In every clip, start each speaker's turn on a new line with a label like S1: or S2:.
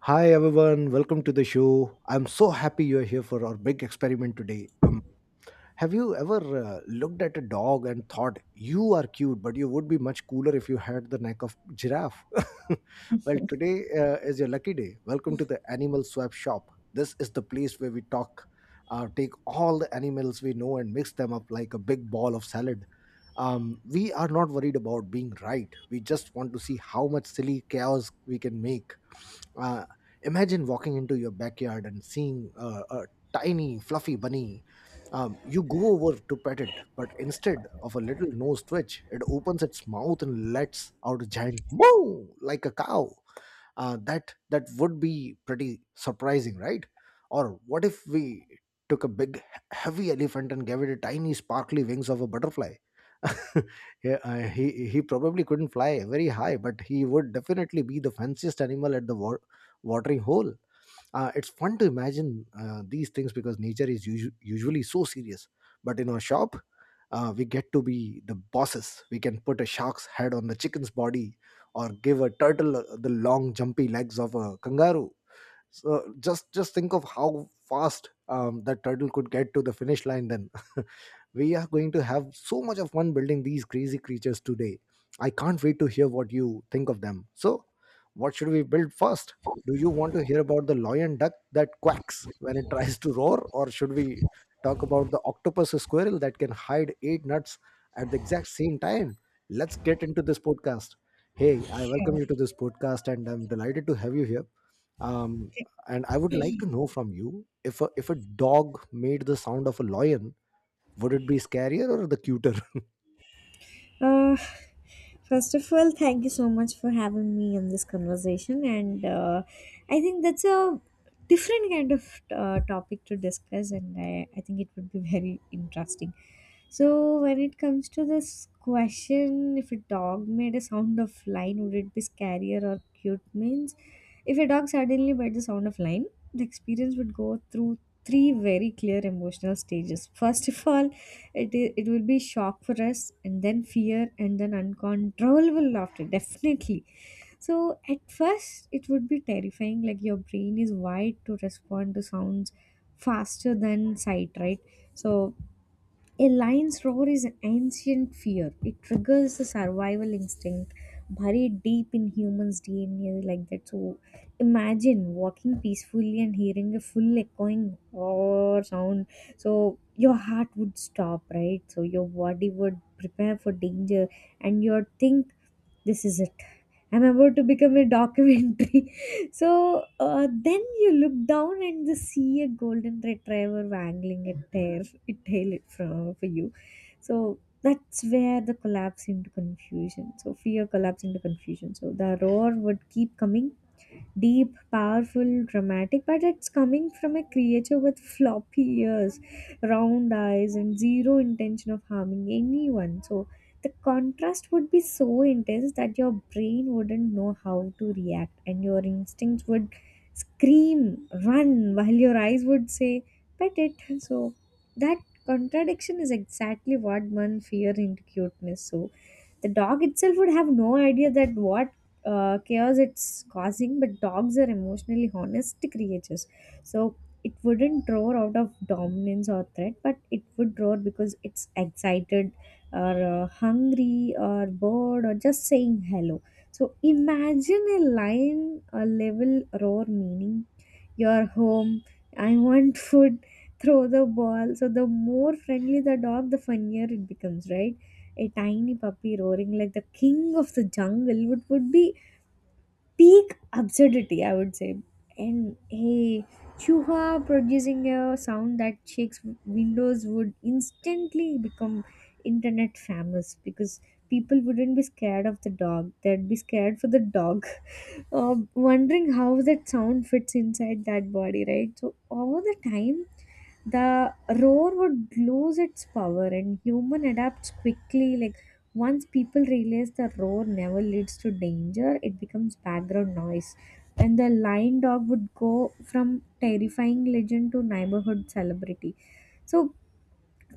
S1: Hi everyone, welcome to the show. I'm so happy you're here for our big experiment today. Have you ever looked at a dog and thought you are cute, but you would be much cooler if you had the neck of giraffe? Well, today is your lucky day. Welcome to the Animal Swap Shop. This is the place where we take all the animals we know and mix them up like a big ball of salad. We are not worried about being right. We just want to see how much silly chaos we can make. uh, Imagine walking into your backyard and seeing a tiny, fluffy bunny. You go over to pet it, but instead of a little nose twitch, it opens its mouth and lets out a giant moo like a cow. That would be pretty surprising, right? Or what if we took a big heavy elephant and gave it a tiny sparkly wings of a butterfly? Yeah, he probably couldn't fly very high, but he would definitely be the fanciest animal at the watering hole. It's fun to imagine these things because nature is usually so serious. But in our shop, we get to be the bosses. We can put a shark's head on the chicken's body or give a turtle the long, jumpy legs of a kangaroo. So just think of how fast that turtle could get to the finish line then. We are going to have so much of fun building these crazy creatures today. I can't wait to hear what you think of them. So what should we build first? Do you want to hear about the lion duck that quacks when it tries to roar, or should we talk about the octopus squirrel that can hide eight nuts at the exact same time? Let's get into this podcast. Hey, I welcome you to this podcast, and I'm delighted to have you here. um and I would like to know from you, if a dog made the sound of a lion, would it be scarier or the cuter?
S2: Uh, First of all, thank you so much for having me in this conversation, and I think that's a different kind of topic to discuss, and I think it would be very interesting. So, when it comes to this question, if a dog made a sound of lion, would it be scarier or cute? Means, if a dog suddenly made the sound of lion. The experience would go through three very clear emotional stages. First of all, it will be shock for us, and then fear, and then uncontrollable laughter. Definitely. So at first, it would be terrifying. Like your brain is wired to respond to sounds faster than sight, right? So a lion's roar is an ancient fear. It triggers the survival instinct buried deep in humans' DNA like that. So imagine walking peacefully and hearing a full echoing roar sound. So your heart would stop, right? So your body would prepare for danger and your think this is it, I'm about to become a documentary. So then you look down and just see a golden retriever wangling a tail from for you. So that's where the collapse into confusion, so fear collapse into confusion. So the roar would keep coming, deep, powerful, dramatic, but it's coming from a creature with floppy ears, round eyes, and zero intention of harming anyone. So the contrast would be so intense that your brain wouldn't know how to react, and your instincts would scream, run, while your eyes would say, pet it. So that contradiction is exactly what one fear into cuteness. So the dog itself would have no idea that what chaos it's causing, but dogs are emotionally honest creatures, so it wouldn't roar out of dominance or threat, but it would roar because it's excited or hungry or bored or just saying hello. So imagine a lion, a level roar meaning your home. I want food. Throw the ball. So the more friendly the dog, the funnier it becomes, right? A tiny puppy roaring like the king of the jungle would be peak absurdity, I would say. And a chihuahua producing a sound that shakes windows would instantly become internet famous, because people wouldn't be scared of the dog. They'd be scared for the dog. Wondering how that sound fits inside that body, right? So over the time, the roar would lose its power, and human adapts quickly. Like once people realize the roar never leads to danger, it becomes background noise, and the lion dog would go from terrifying legend to neighborhood celebrity. So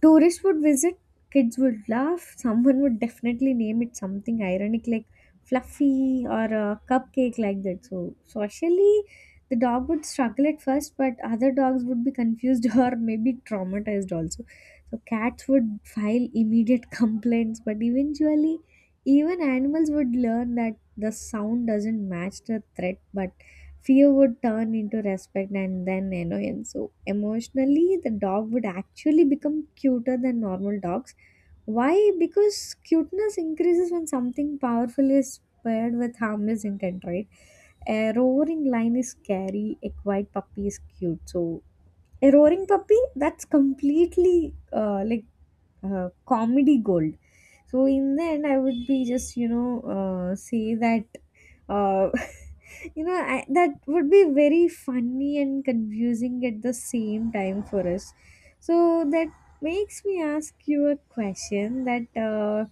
S2: tourists would visit, kids would laugh, someone would definitely name it something ironic like fluffy or a cupcake like that. So, socially, the dog would struggle at first, but other dogs would be confused or maybe traumatized also. So, cats would file immediate complaints, but eventually, even animals would learn that the sound doesn't match the threat, but fear would turn into respect and then annoyance. So, emotionally, the dog would actually become cuter than normal dogs. Why? Because cuteness increases when something powerful is paired with harmless intent, right? A roaring lion is scary, a quiet puppy is cute. So, a roaring puppy that's completely comedy gold. So in the end I would be just say that uh, that would be very funny and confusing at the same time for us. So that makes me ask you a question that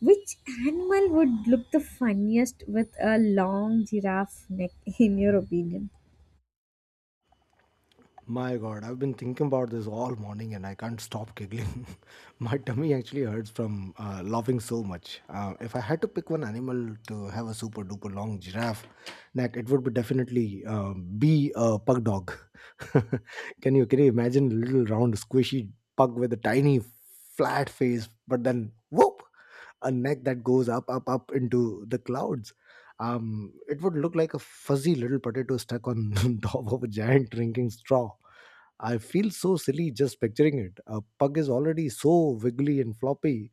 S2: which animal would look the funniest with a long giraffe neck, in your opinion?
S1: My god, I've been thinking about this all morning, and I can't stop giggling. My tummy actually hurts from laughing so much. If I had to pick one animal to have a super duper long giraffe neck, it would be definitely be a pug dog. Can you imagine a little round squishy pug with a tiny flat face? But then, whoop, a neck that goes up, up, up into the clouds. It would look like a fuzzy little potato stuck on top of a giant drinking straw. I feel so silly just picturing it. A pug is already so wiggly and floppy.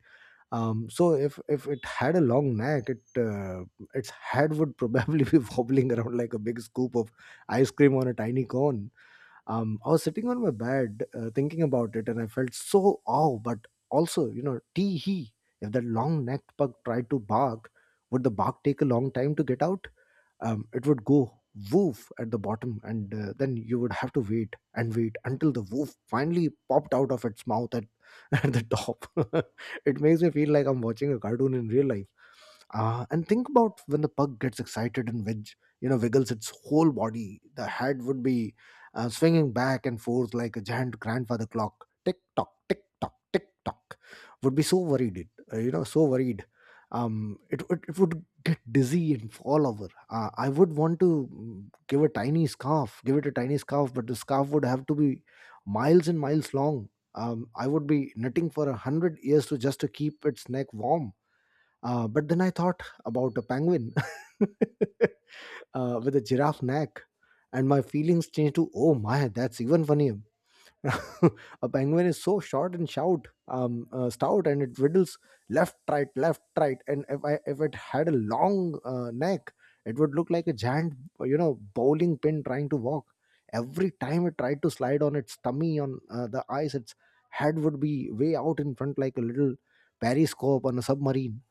S1: So if it had a long neck, it its head would probably be wobbling around like a big scoop of ice cream on a tiny cone. I was sitting on my bed thinking about it, and I felt so awe, but also, tee hee. If that long necked pug tried to bark, would the bark take a long time to get out? It would go woof at the bottom, and then you would have to wait and wait until the woof finally popped out of its mouth at, at the top. It makes me feel like I'm watching a cartoon in real life. And think about when the pug gets excited and wiggles its whole body. The head would be swinging back and forth like a giant grandfather clock. Tick tock, tick tock, tick tock. Would be so worried, it so worried. It would get dizzy and fall over. I would want to give it a tiny scarf, but the scarf would have to be miles and miles long. I would be knitting for 100 years to just to keep its neck warm. But then I thought about a penguin. With a giraffe neck, and my feelings changed to, oh my, that's even funnier. A penguin is so short and stout, and it riddles left, right, left, right. And if it had a long neck, it would look like a giant, bowling pin trying to walk. Every time it tried to slide on its tummy on the ice, its head would be way out in front like a little periscope on a submarine.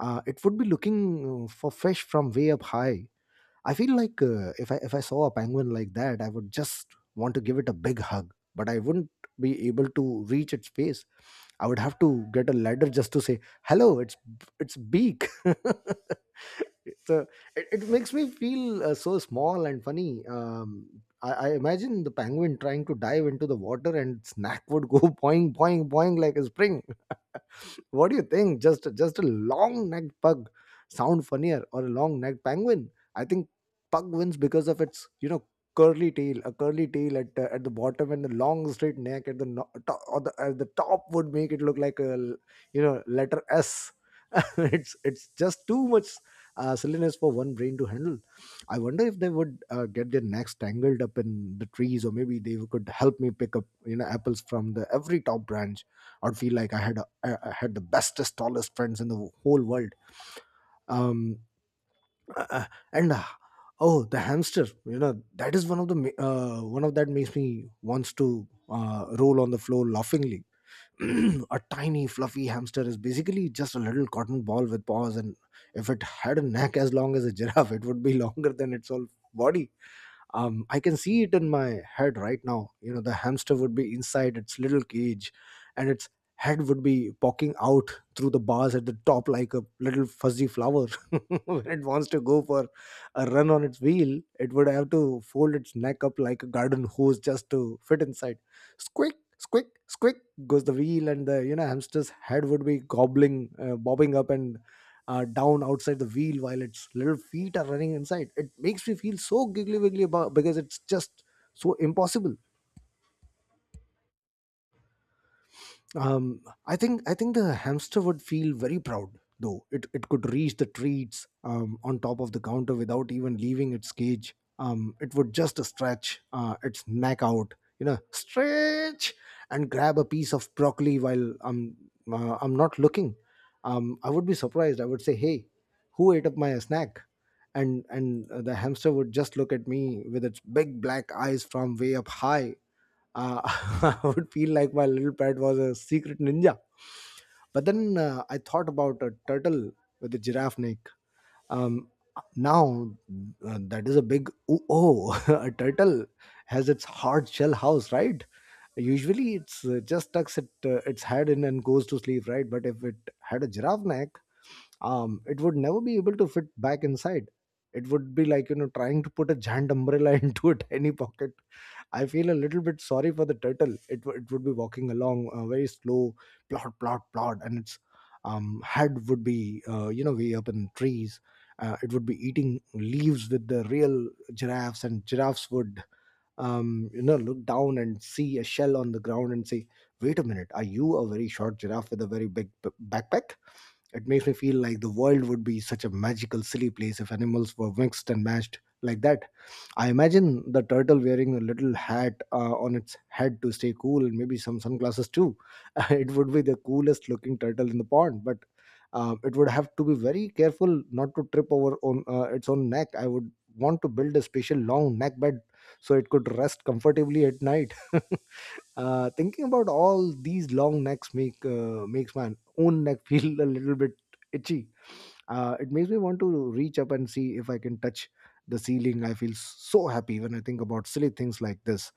S1: It would be looking for fish from way up high. I feel like, if I saw a penguin like that, I would just want to give it a big hug, but I wouldn't be able to reach its face. I would have to get a ladder just to say hello. It's beak. So it makes me feel so small and funny. I imagine the penguin trying to dive into the water, and its neck would go boing boing boing like a spring. What do you think? Just a long necked pug sound funnier, or a long necked penguin? I think pug wins because of its, curly tail, a curly tail at the bottom, and the long straight neck at the top. Or the at the top would make it look like a letter S. It's just too much silliness for one brain to handle. I wonder if they would get their necks tangled up in the trees, or maybe they could help me pick up, apples from the every top branch. I'd feel like I had the bestest, tallest friends in the whole world. Um, uh, and Oh, the hamster, that is one of that makes me wants to roll on the floor laughingly. A tiny, fluffy hamster is basically just a little cotton ball with paws, and if it had a neck as long as a giraffe, it would be longer than its whole body. I can see it in my head right now. You know, the hamster would be inside its little cage, and its head would be poking out through the bars at the top like a little fuzzy flower. When it wants to go for a run on its wheel, it would have to fold its neck up like a garden hose just to fit inside. Squick, squick, squick goes the wheel, and the, hamster's head would be gobbling bobbing up and down outside the wheel while its little feet are running inside. It makes me feel so giggly wiggly about because it's just so impossible. Um, I think the hamster would feel very proud though. It could reach the treats on top of the counter without even leaving its cage. It would just stretch its neck out, you know, stretch and grab a piece of broccoli while I'm not looking. I would be surprised. I would say, "Hey, who ate up my snack?" And the hamster would just look at me with its big black eyes from way up high. I would feel like my little pet was a secret ninja. But then, I thought about a turtle with a giraffe neck. Um, Now, that is a big ooh, oh. A turtle has its hard shell house, right? Usually, it's just tucks its head in and goes to sleep, right? But if it had a giraffe neck, it would never be able to fit back inside. It would be like, trying to put a giant umbrella into a tiny pocket. I feel a little bit sorry for the turtle. It would be walking along very slow, plod, plod, plod, and its head would be, way up in trees. It would be eating leaves with the real giraffes, and giraffes would, look down and see a shell on the ground and say, "Wait a minute, are you a very short giraffe with a very big backpack?" It makes me feel like the world would be such a magical, silly place if animals were mixed and matched like that. I imagine the turtle wearing a little hat on its head to stay cool and maybe some sunglasses too. It would be the coolest looking turtle in the pond, but it would have to be very careful not to trip over on its own neck. I would want to build a special long neck bed so it could rest comfortably at night. Thinking about all these long necks makes my own neck feel a little bit itchy. It makes me want to reach up and see if I can touch the ceiling. I feel so happy when I think about silly things like this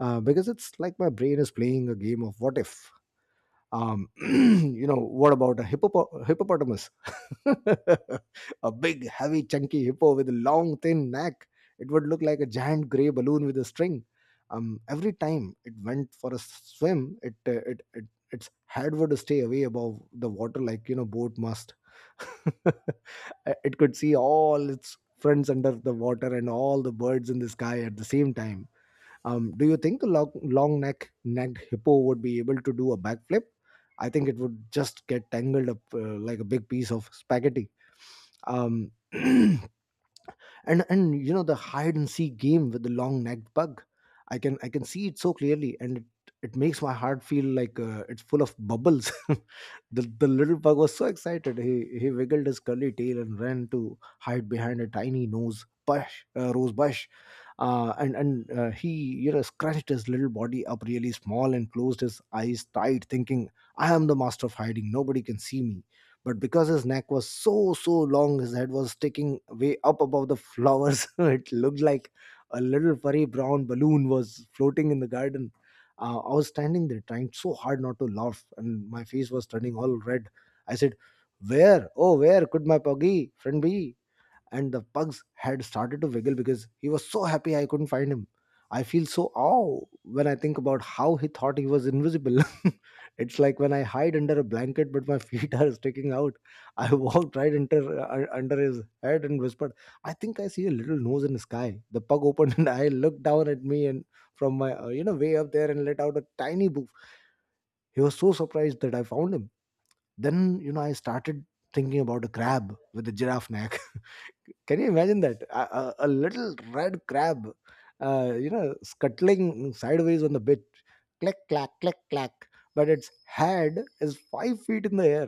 S1: uh, because it's like my brain is playing a game of what if. What about a hippopotamus? A big, heavy, chunky hippo with a long, thin neck. It would look like a giant gray balloon with a string. Every time it went for a swim, it, its head would stay away above the water like you know boat must. It could see all its friends under the water and all the birds in the sky at the same time. Do you think a long, long necked hippo would be able to do a backflip? I think it would just get tangled up like a big piece of spaghetti. Um, and and you know the hide and seek game with the long necked bug. I can see it so clearly, and it makes my heart feel like it's full of bubbles. The little bug was so excited. He wiggled his curly tail and ran to hide behind a tiny nose bush rose bush. And He scrunched his little body up really small and closed his eyes tight, thinking, "I am the master of hiding. Nobody can see me." But because his neck was so long, his head was sticking way up above the flowers. It looked like a little furry brown balloon was floating in the garden. I was standing there trying so hard not to laugh, and my face was turning all red. I said, "Where, oh where could my puggy friend be?" And the pugs had started to wiggle because he was so happy I couldn't find him. I feel so awe when I think about how he thought he was invisible. It's like when I hide under a blanket but my feet are sticking out. I walked right under his head and whispered, "I think I see a little nose in the sky." The pug opened and I looked down at me and from my way up there and let out a tiny boof. He was so surprised that I found him. Then I started thinking about a crab with a giraffe neck. Can you imagine that? A little red crab, scuttling sideways on the beach, click, clack, click, clack. But its head is 5 feet in the air.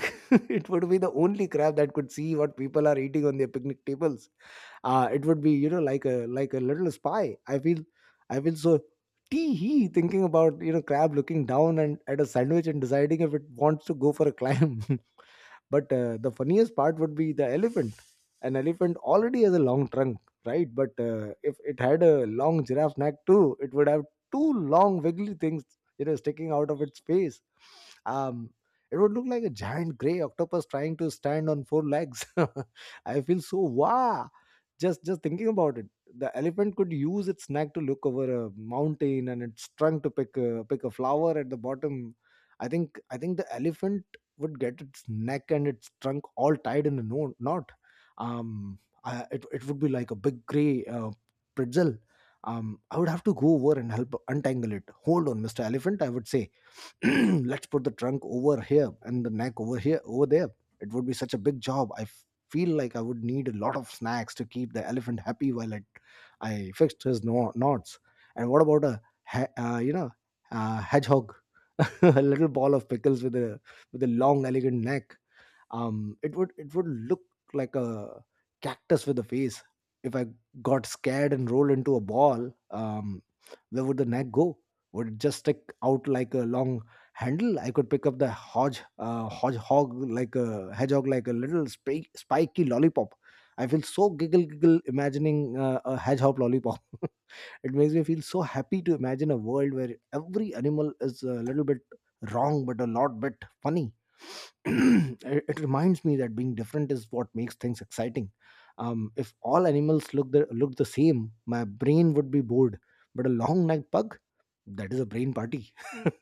S1: It would be the only crab that could see what people are eating on their picnic tables. It would be, you know, like a little spy. I feel so tee hee thinking about you know crab looking down and at a sandwich and deciding if it wants to go for a climb. But the funniest part would be the elephant. An elephant already has a long trunk, right? But if it had a long giraffe neck too, it would have two long wiggly things, you know, sticking out of its face. Um, it would look like a giant gray octopus trying to stand on four legs. I feel so wow just thinking about it. The elephant could use its neck to look over a mountain and its trunk to pick a flower at the bottom. I think the elephant would get its neck and its trunk all tied in a knot. um I, it would be like a big gray pretzel. um I would have to go over and help untangle it. "Hold on, Mr. Elephant," I would say. "Let's put the trunk over here and the neck over there." It would be such a big job. I feel like I would need a lot of snacks to keep the elephant happy while I fixed his knots. And what about a he- uh, you know hedgehog? A little ball of pickles with a long elegant neck. It would look like a cactus with a face. If I got scared and rolled into a ball, where would the neck go? Would it just stick out like a long handle I could pick up the hodge hodgehog like a hedgehog like a little spiky lollipop? I feel so giggle giggle imagining a hedgehog lollipop. It makes me feel so happy to imagine a world where every animal is a little bit wrong, but a lot bit funny. It reminds me that being different is what makes things exciting. If all animals look the same, my brain would be bored. But a long necked pug, that is a brain party.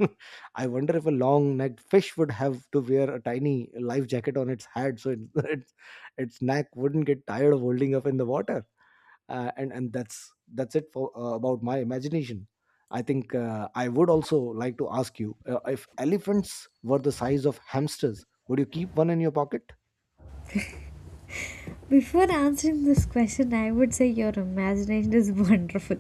S1: I wonder if a long necked fish would have to wear a tiny life jacket on its head so its neck wouldn't get tired of holding up in the water. And That's it for about my imagination. I think I would also like to ask you if elephants were the size of hamsters, would you keep one in your pocket?
S2: Before answering this question, I would say your imagination is wonderful,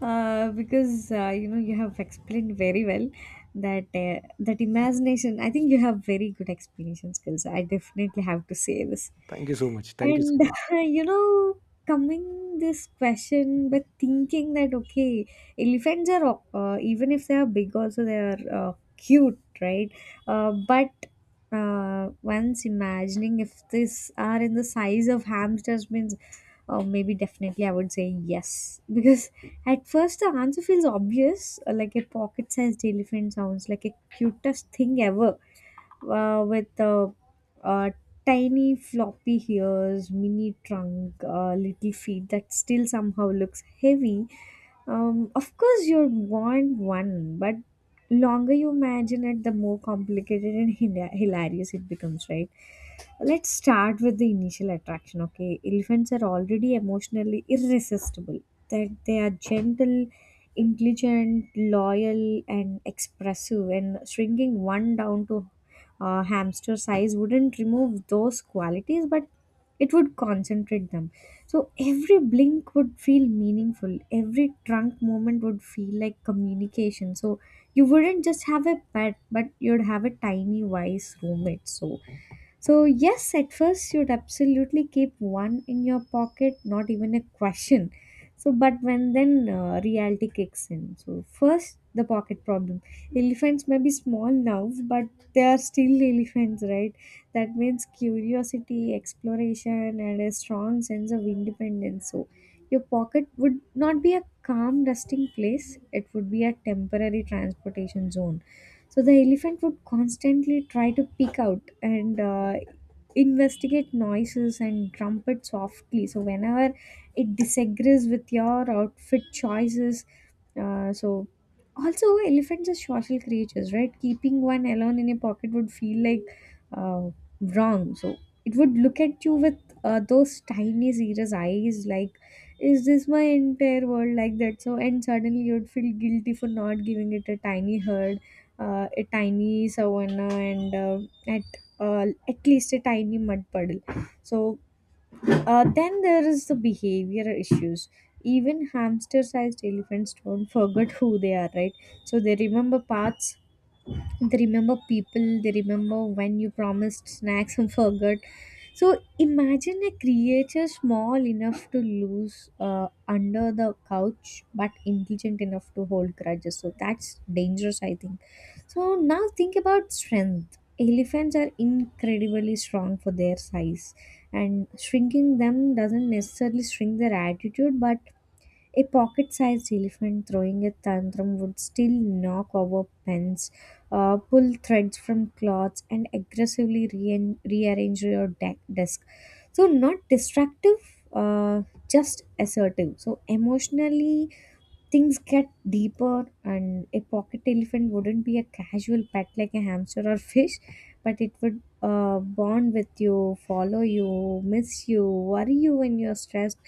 S2: because you have explained very well that that imagination. I think you have very good explanation skills. I definitely have to say this.
S1: Thank you so much, thank you so
S2: And
S1: much.
S2: you know, coming this question, but thinking that okay, elephants are even if they are big, also they are cute, right? But Once imagining if this are in the size of hamsters means maybe definitely I would say yes. Because at first the answer feels obvious, like a pocket-sized elephant sounds like a cutest thing ever, with uh, tiny floppy ears, mini trunk, little feet that still somehow looks heavy. Of course, you'd want one, but longer you imagine it, the more complicated and hilarious it becomes, right? Let's start with the initial attraction, okay? Elephants are already emotionally irresistible. That they are gentle, intelligent, loyal, and expressive, and shrinking one down to hamster size wouldn't remove those qualities, but it would concentrate them. So every blink would feel meaningful, every trunk movement would feel like communication. So you wouldn't just have a pet, but you'd have a tiny, wise roommate. So, yes, at first you'd absolutely keep one in your pocket, not even a question. So, but when then reality kicks in. So, first, the pocket problem. Elephants may be small now, but they are still elephants, right? That means curiosity, exploration, and a strong sense of independence. So, your pocket would not be a calm resting place, it would be a temporary transportation zone. So the elephant would constantly try to peek out and investigate noises and trumpet softly. So whenever it disagrees with your outfit choices, so also elephants are social creatures, right? Keeping one alone in a pocket would feel like uh, wrong. So it would look at you with those tiny serious eyes, like is this my entire world like that? So and suddenly you'd feel guilty for not giving it a tiny herd, a tiny savanna and at at least a tiny mud puddle. So then there is the behavior issues. Even hamster-sized elephants don't forget who they are, right? So they remember paths, they remember people, they remember when you promised snacks and forgot. So imagine a creature small enough to lose under the couch, but intelligent enough to hold grudges. So that's dangerous, I think. So now think about strength. Elephants are incredibly strong for their size, and shrinking them doesn't necessarily shrink their attitude, but a pocket sized elephant throwing a tantrum would still knock over pens, pull threads from cloths, and aggressively rearrange your desk. So, not destructive, uh, just assertive. So, emotionally things get deeper, and a pocket elephant wouldn't be a casual pet like a hamster or fish, but it would bond with you, follow you, miss you, worry you when you're stressed.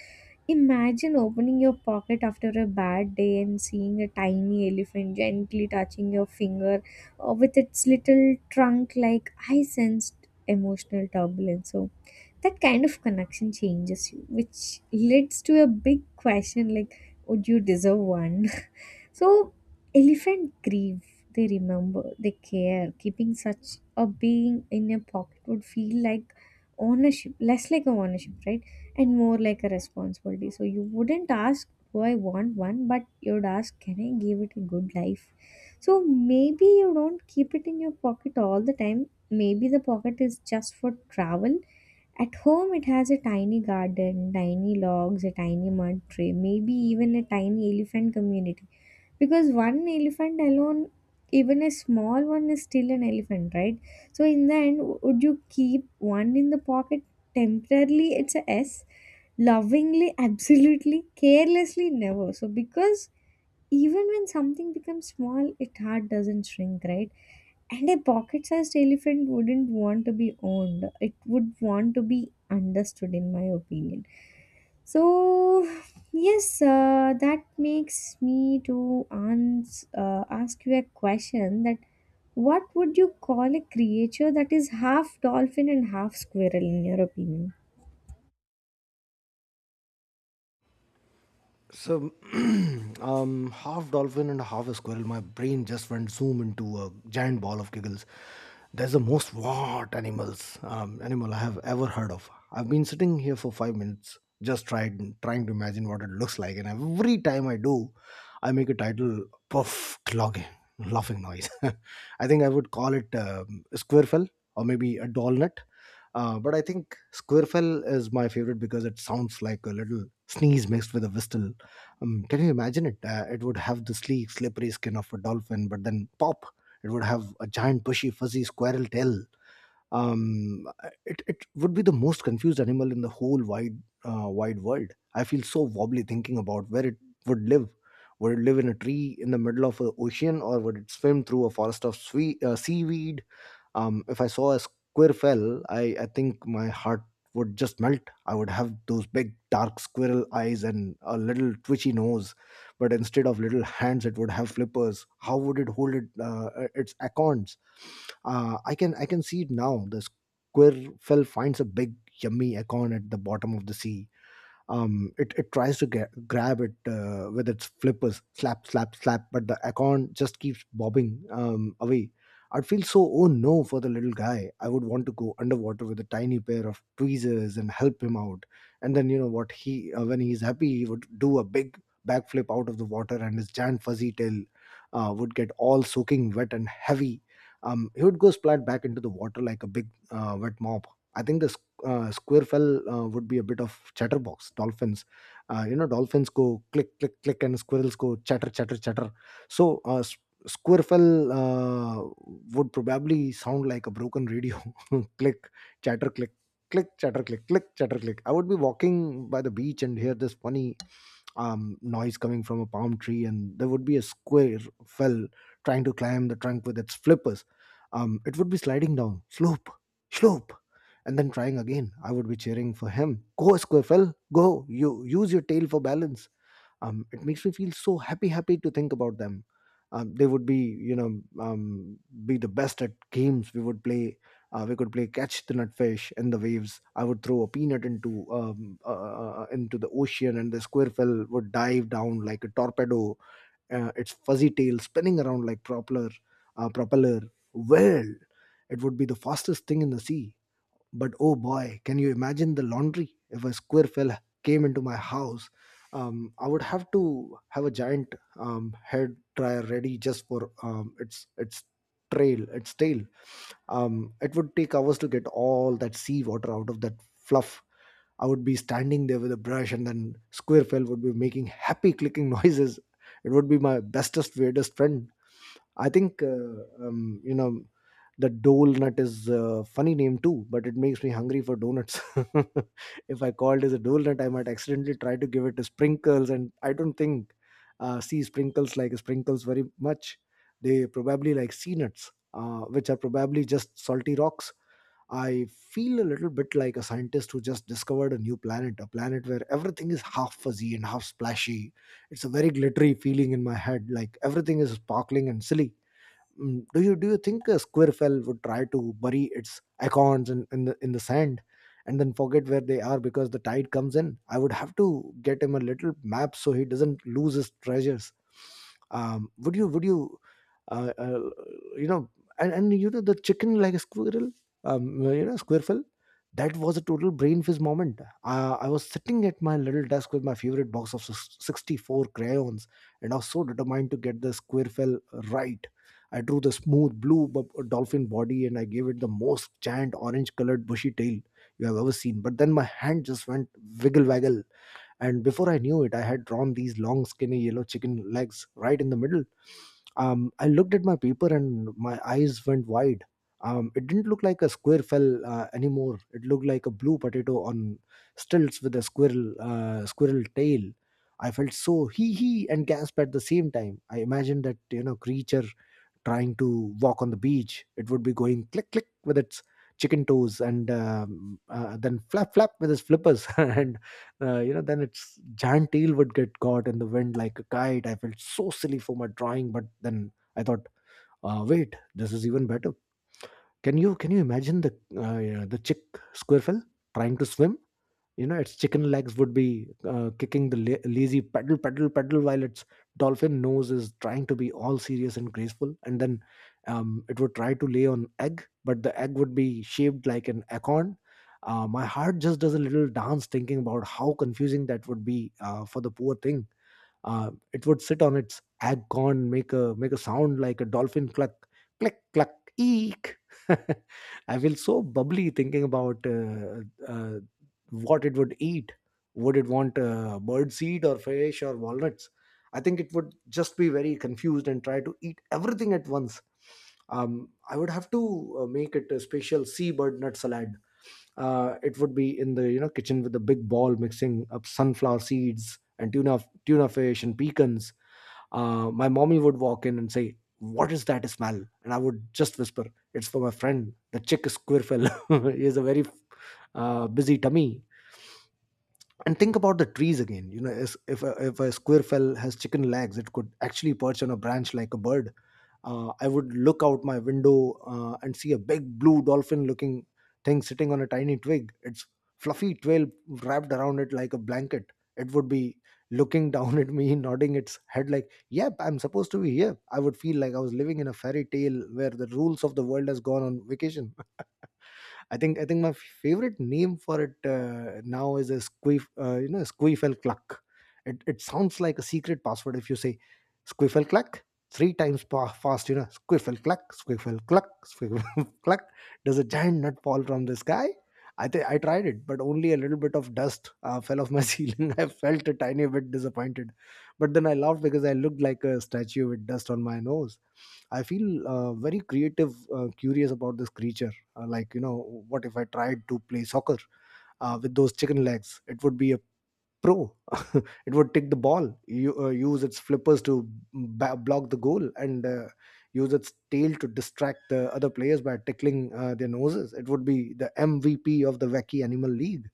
S2: Imagine opening your pocket after a bad day and seeing a tiny elephant gently touching your finger with its little trunk, like I sensed emotional turbulence. So, that kind of connection changes you, which leads to a big question like would you deserve one? So elephant grieve, they remember, they care. Keeping such a being in your pocket would feel like ownership, less like a ownership, right, and more like a responsibility. So you wouldn't ask do I want one, but you'd ask can I give it a good life. So maybe you don't keep it in your pocket all the time, maybe the pocket is just for travel. At home, it has a tiny garden, tiny logs, a tiny mud tray, maybe even a tiny elephant community. Because one elephant alone, even a small one, is still an elephant, right? So, in the end, would you keep one in the pocket temporarily? It's a S. Lovingly, absolutely, carelessly, never. So, because even when something becomes small, its heart doesn't shrink, right? And a pocket sized elephant wouldn't want to be owned, it would want to be understood, in my opinion. So, yes, that makes me to ask you a question that what would you call a creature that is half dolphin and half squirrel, in your opinion?
S1: So, half dolphin and half a squirrel, my brain just went zoom into a giant ball of giggles. There's the most what animal I have ever heard of. I've been sitting here for 5 minutes, just tried trying to imagine what it looks like, and every time I do, I make a title puff clog laughing noise. I think I would call it squirrel or maybe a doll nut. But I think Squirrel is my favorite because it sounds like a little sneeze mixed with a whistle. Can you imagine it? It would have the sleek, slippery skin of a dolphin, but then pop, it would have a giant, bushy, fuzzy squirrel tail. Um, it would be the most confused animal in the whole wide, wide world. I feel so wobbly thinking about where it would live. Would it live in a tree in the middle of an ocean, or would it swim through a forest of seaweed? If I saw a squirrel fell, I think my heart would just melt. I would have those big dark squirrel eyes and a little twitchy nose, but instead of little hands, it would have flippers. How would it hold its acorns? I can see it now. The squirrel finds a big yummy acorn at the bottom of the sea. It tries to grab it with its flippers, slap, slap, slap, but the acorn just keeps bobbing away. I'd feel so, oh no, for the little guy. I would want to go underwater with a tiny pair of tweezers and help him out. And then, you know what, he when he's happy, he would do a big backflip out of the water, and his giant fuzzy tail would get all soaking wet and heavy. He would go splat back into the water like a big wet mop. I think the squirrel would be a bit of chatterbox dolphins. You know, dolphins go click click click and squirrels go chatter chatter chatter, so s- squirrel would probably sound like a broken radio. Click chatter click click chatter click click chatter click. I would be walking by the beach and hear this funny noise coming from a palm tree, and there would be a squirrel trying to climb the trunk with its flippers. It would be sliding down, slope, and then trying again. I would be cheering for him. Go, Squirrel, go! You use your tail for balance. It makes me feel so happy to think about them. They would be, you know, be the best at games. We would play. We could play catch the nutfish in the waves. I would throw a peanut into the ocean, and the squirrel would dive down like a torpedo. Its fuzzy tail spinning around like propeller, propeller. Well, it would be the fastest thing in the sea, but oh boy, can you imagine the laundry? If a square fella came into my house, I would have to have a giant head dryer ready just for um, its trail, its tail. It would take hours to get all that sea water out of that fluff. I would be standing there with a brush, and then square would be making happy clicking noises. It would be my bestest, weirdest friend. I think um, you know the dole nut is a funny name too, but it makes me hungry for donuts. If I called it as a dole nut, I might accidentally try to give it a sprinkles, and I don't think see sprinkles like sprinkles very much. They probably like sea nuts, which are probably just salty rocks. I feel a little bit like a scientist who just discovered a new planet, a planet where everything is half fuzzy and half splashy. It's a very glittery feeling in my head, like everything is sparkling and silly. Do you think a squirrel would try to bury its acorns in the sand and then forget where they are because the tide comes in? I would have to get him a little map so he doesn't lose his treasures. Um would you uh, uh, you know and you know The chicken like a squirrel squirrel, that was a total brain fizz moment. I was sitting at my little desk with my favorite box of 64 crayons, and I was so determined to get the squirrel right. I drew the smooth blue dolphin body, and I gave it the most giant orange colored bushy tail you have ever seen. But then my hand just went wiggle waggle, and before I knew it, I had drawn these long skinny yellow chicken legs right in the middle. I looked at my paper and my eyes went wide. It didn't look like a square fell anymore. It looked like a blue potato on stilts with a squirrel tail. I felt so hee hee and gasped at the same time. I imagined that creature trying to walk on the beach. It would be going click click with its chicken toes, and then flap flap with its flippers, and then its giant tail would get caught in the wind like a kite. I felt so silly for my drawing, but then I thought, wait, this is even better. Can you imagine the yeah, the chick squirrel trying to swim? Its chicken legs would be kicking the lazy pedal, pedal, pedal, while its dolphin nose is trying to be all serious and graceful. And then it would try to lay on egg, but the egg would be shaped like an acorn. My heart just does a little dance thinking about how confusing that would be for the poor thing. It would sit on its acorn, make a sound like a dolphin cluck, click cluck, eek. I feel so bubbly thinking about uh, what it would eat. Would it want bird seed or fish or walnuts? I think it would just be very confused and try to eat everything at once. I would have to make it a special seabird nut salad. It would be in the kitchen with a big ball mixing up sunflower seeds and tuna fish and pecans. My mommy would walk in and say, what is that smell? And I would just whisper, it's for my friend the chick is squirrel. He has a very busy tummy. And think about the trees again. If a, if a squirrel has chicken legs, it could actually perch on a branch like a bird. I would look out my window and see a big blue dolphin looking thing sitting on a tiny twig, its fluffy tail wrapped around it like a blanket. It would be looking down at me, nodding its head like, yep, I'm supposed to be here. I would feel like I was living in a fairy tale where the rules of the world has gone on vacation. I think my favorite name for it now is a squeef, squeefel cluck. It sounds like a secret password if you say squeefel cluck three times fast. You know, squeefel cluck, squeefel cluck, squeefel cluck. Does a giant nut fall from the sky? I think I tried it, but only a little bit of dust fell off my ceiling. I felt a tiny bit disappointed, but then I laughed because I looked like a statue with dust on my nose. I feel very creative, curious about this creature. Like, you know, what if I tried to play soccer with those chicken legs? It would be a pro. It would take the ball, you, use its flippers to block the goal, and use its tail to distract the other players by tickling their noses. It would be the MVP of the Wacky Animal League.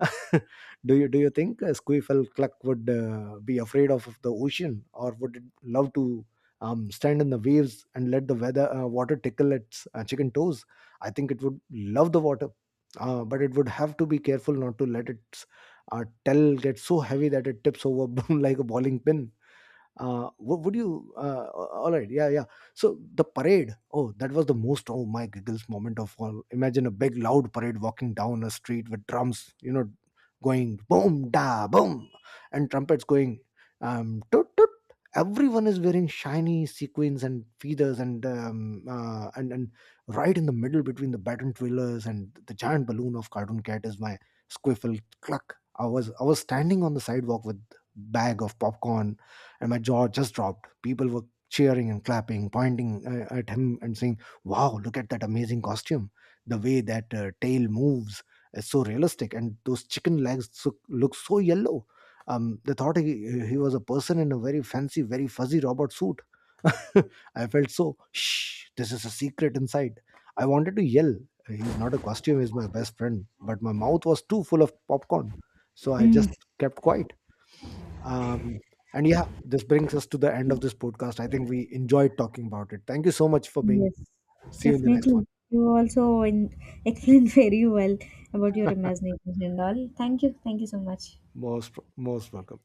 S1: Do you think Squeefel Cluck would be afraid of the ocean, or would it love to stand in the waves and let the weather water tickle its chicken toes? I think it would love the water, but it would have to be careful not to let its tail get so heavy that it tips over like a bowling pin. Wo- would you All right, yeah, yeah. So the parade, oh, that was the most oh my giggles moment of all. Imagine a big loud parade walking down a street with drums, going boom da boom, and trumpets going, toot toot. Everyone is wearing shiny sequins and feathers, and right in the middle, between the baton twirlers and the giant balloon of cartoon cat, is my squiffle cluck. I was standing on the sidewalk with bag of popcorn, and my jaw just dropped. People were cheering and clapping, pointing at him and saying, "Wow, look at that amazing costume! The way that tail moves is so realistic, and those chicken legs so, look so yellow." They thought he was a person in a very fancy, very fuzzy robot suit. I felt so, shh, this is a secret inside. I wanted to yell, he's not a costume, he's my best friend. But my mouth was too full of popcorn. So I just
S2: Mm.
S1: kept quiet. Um, and yeah, this brings us to the end of this podcast. I think we enjoyed talking about it. Thank you so much for being.
S2: Yes,
S1: See you in the next one.
S2: definitely. You also in, explained very well about your imaginations and all. Thank you. Thank you so much.
S1: Most welcome.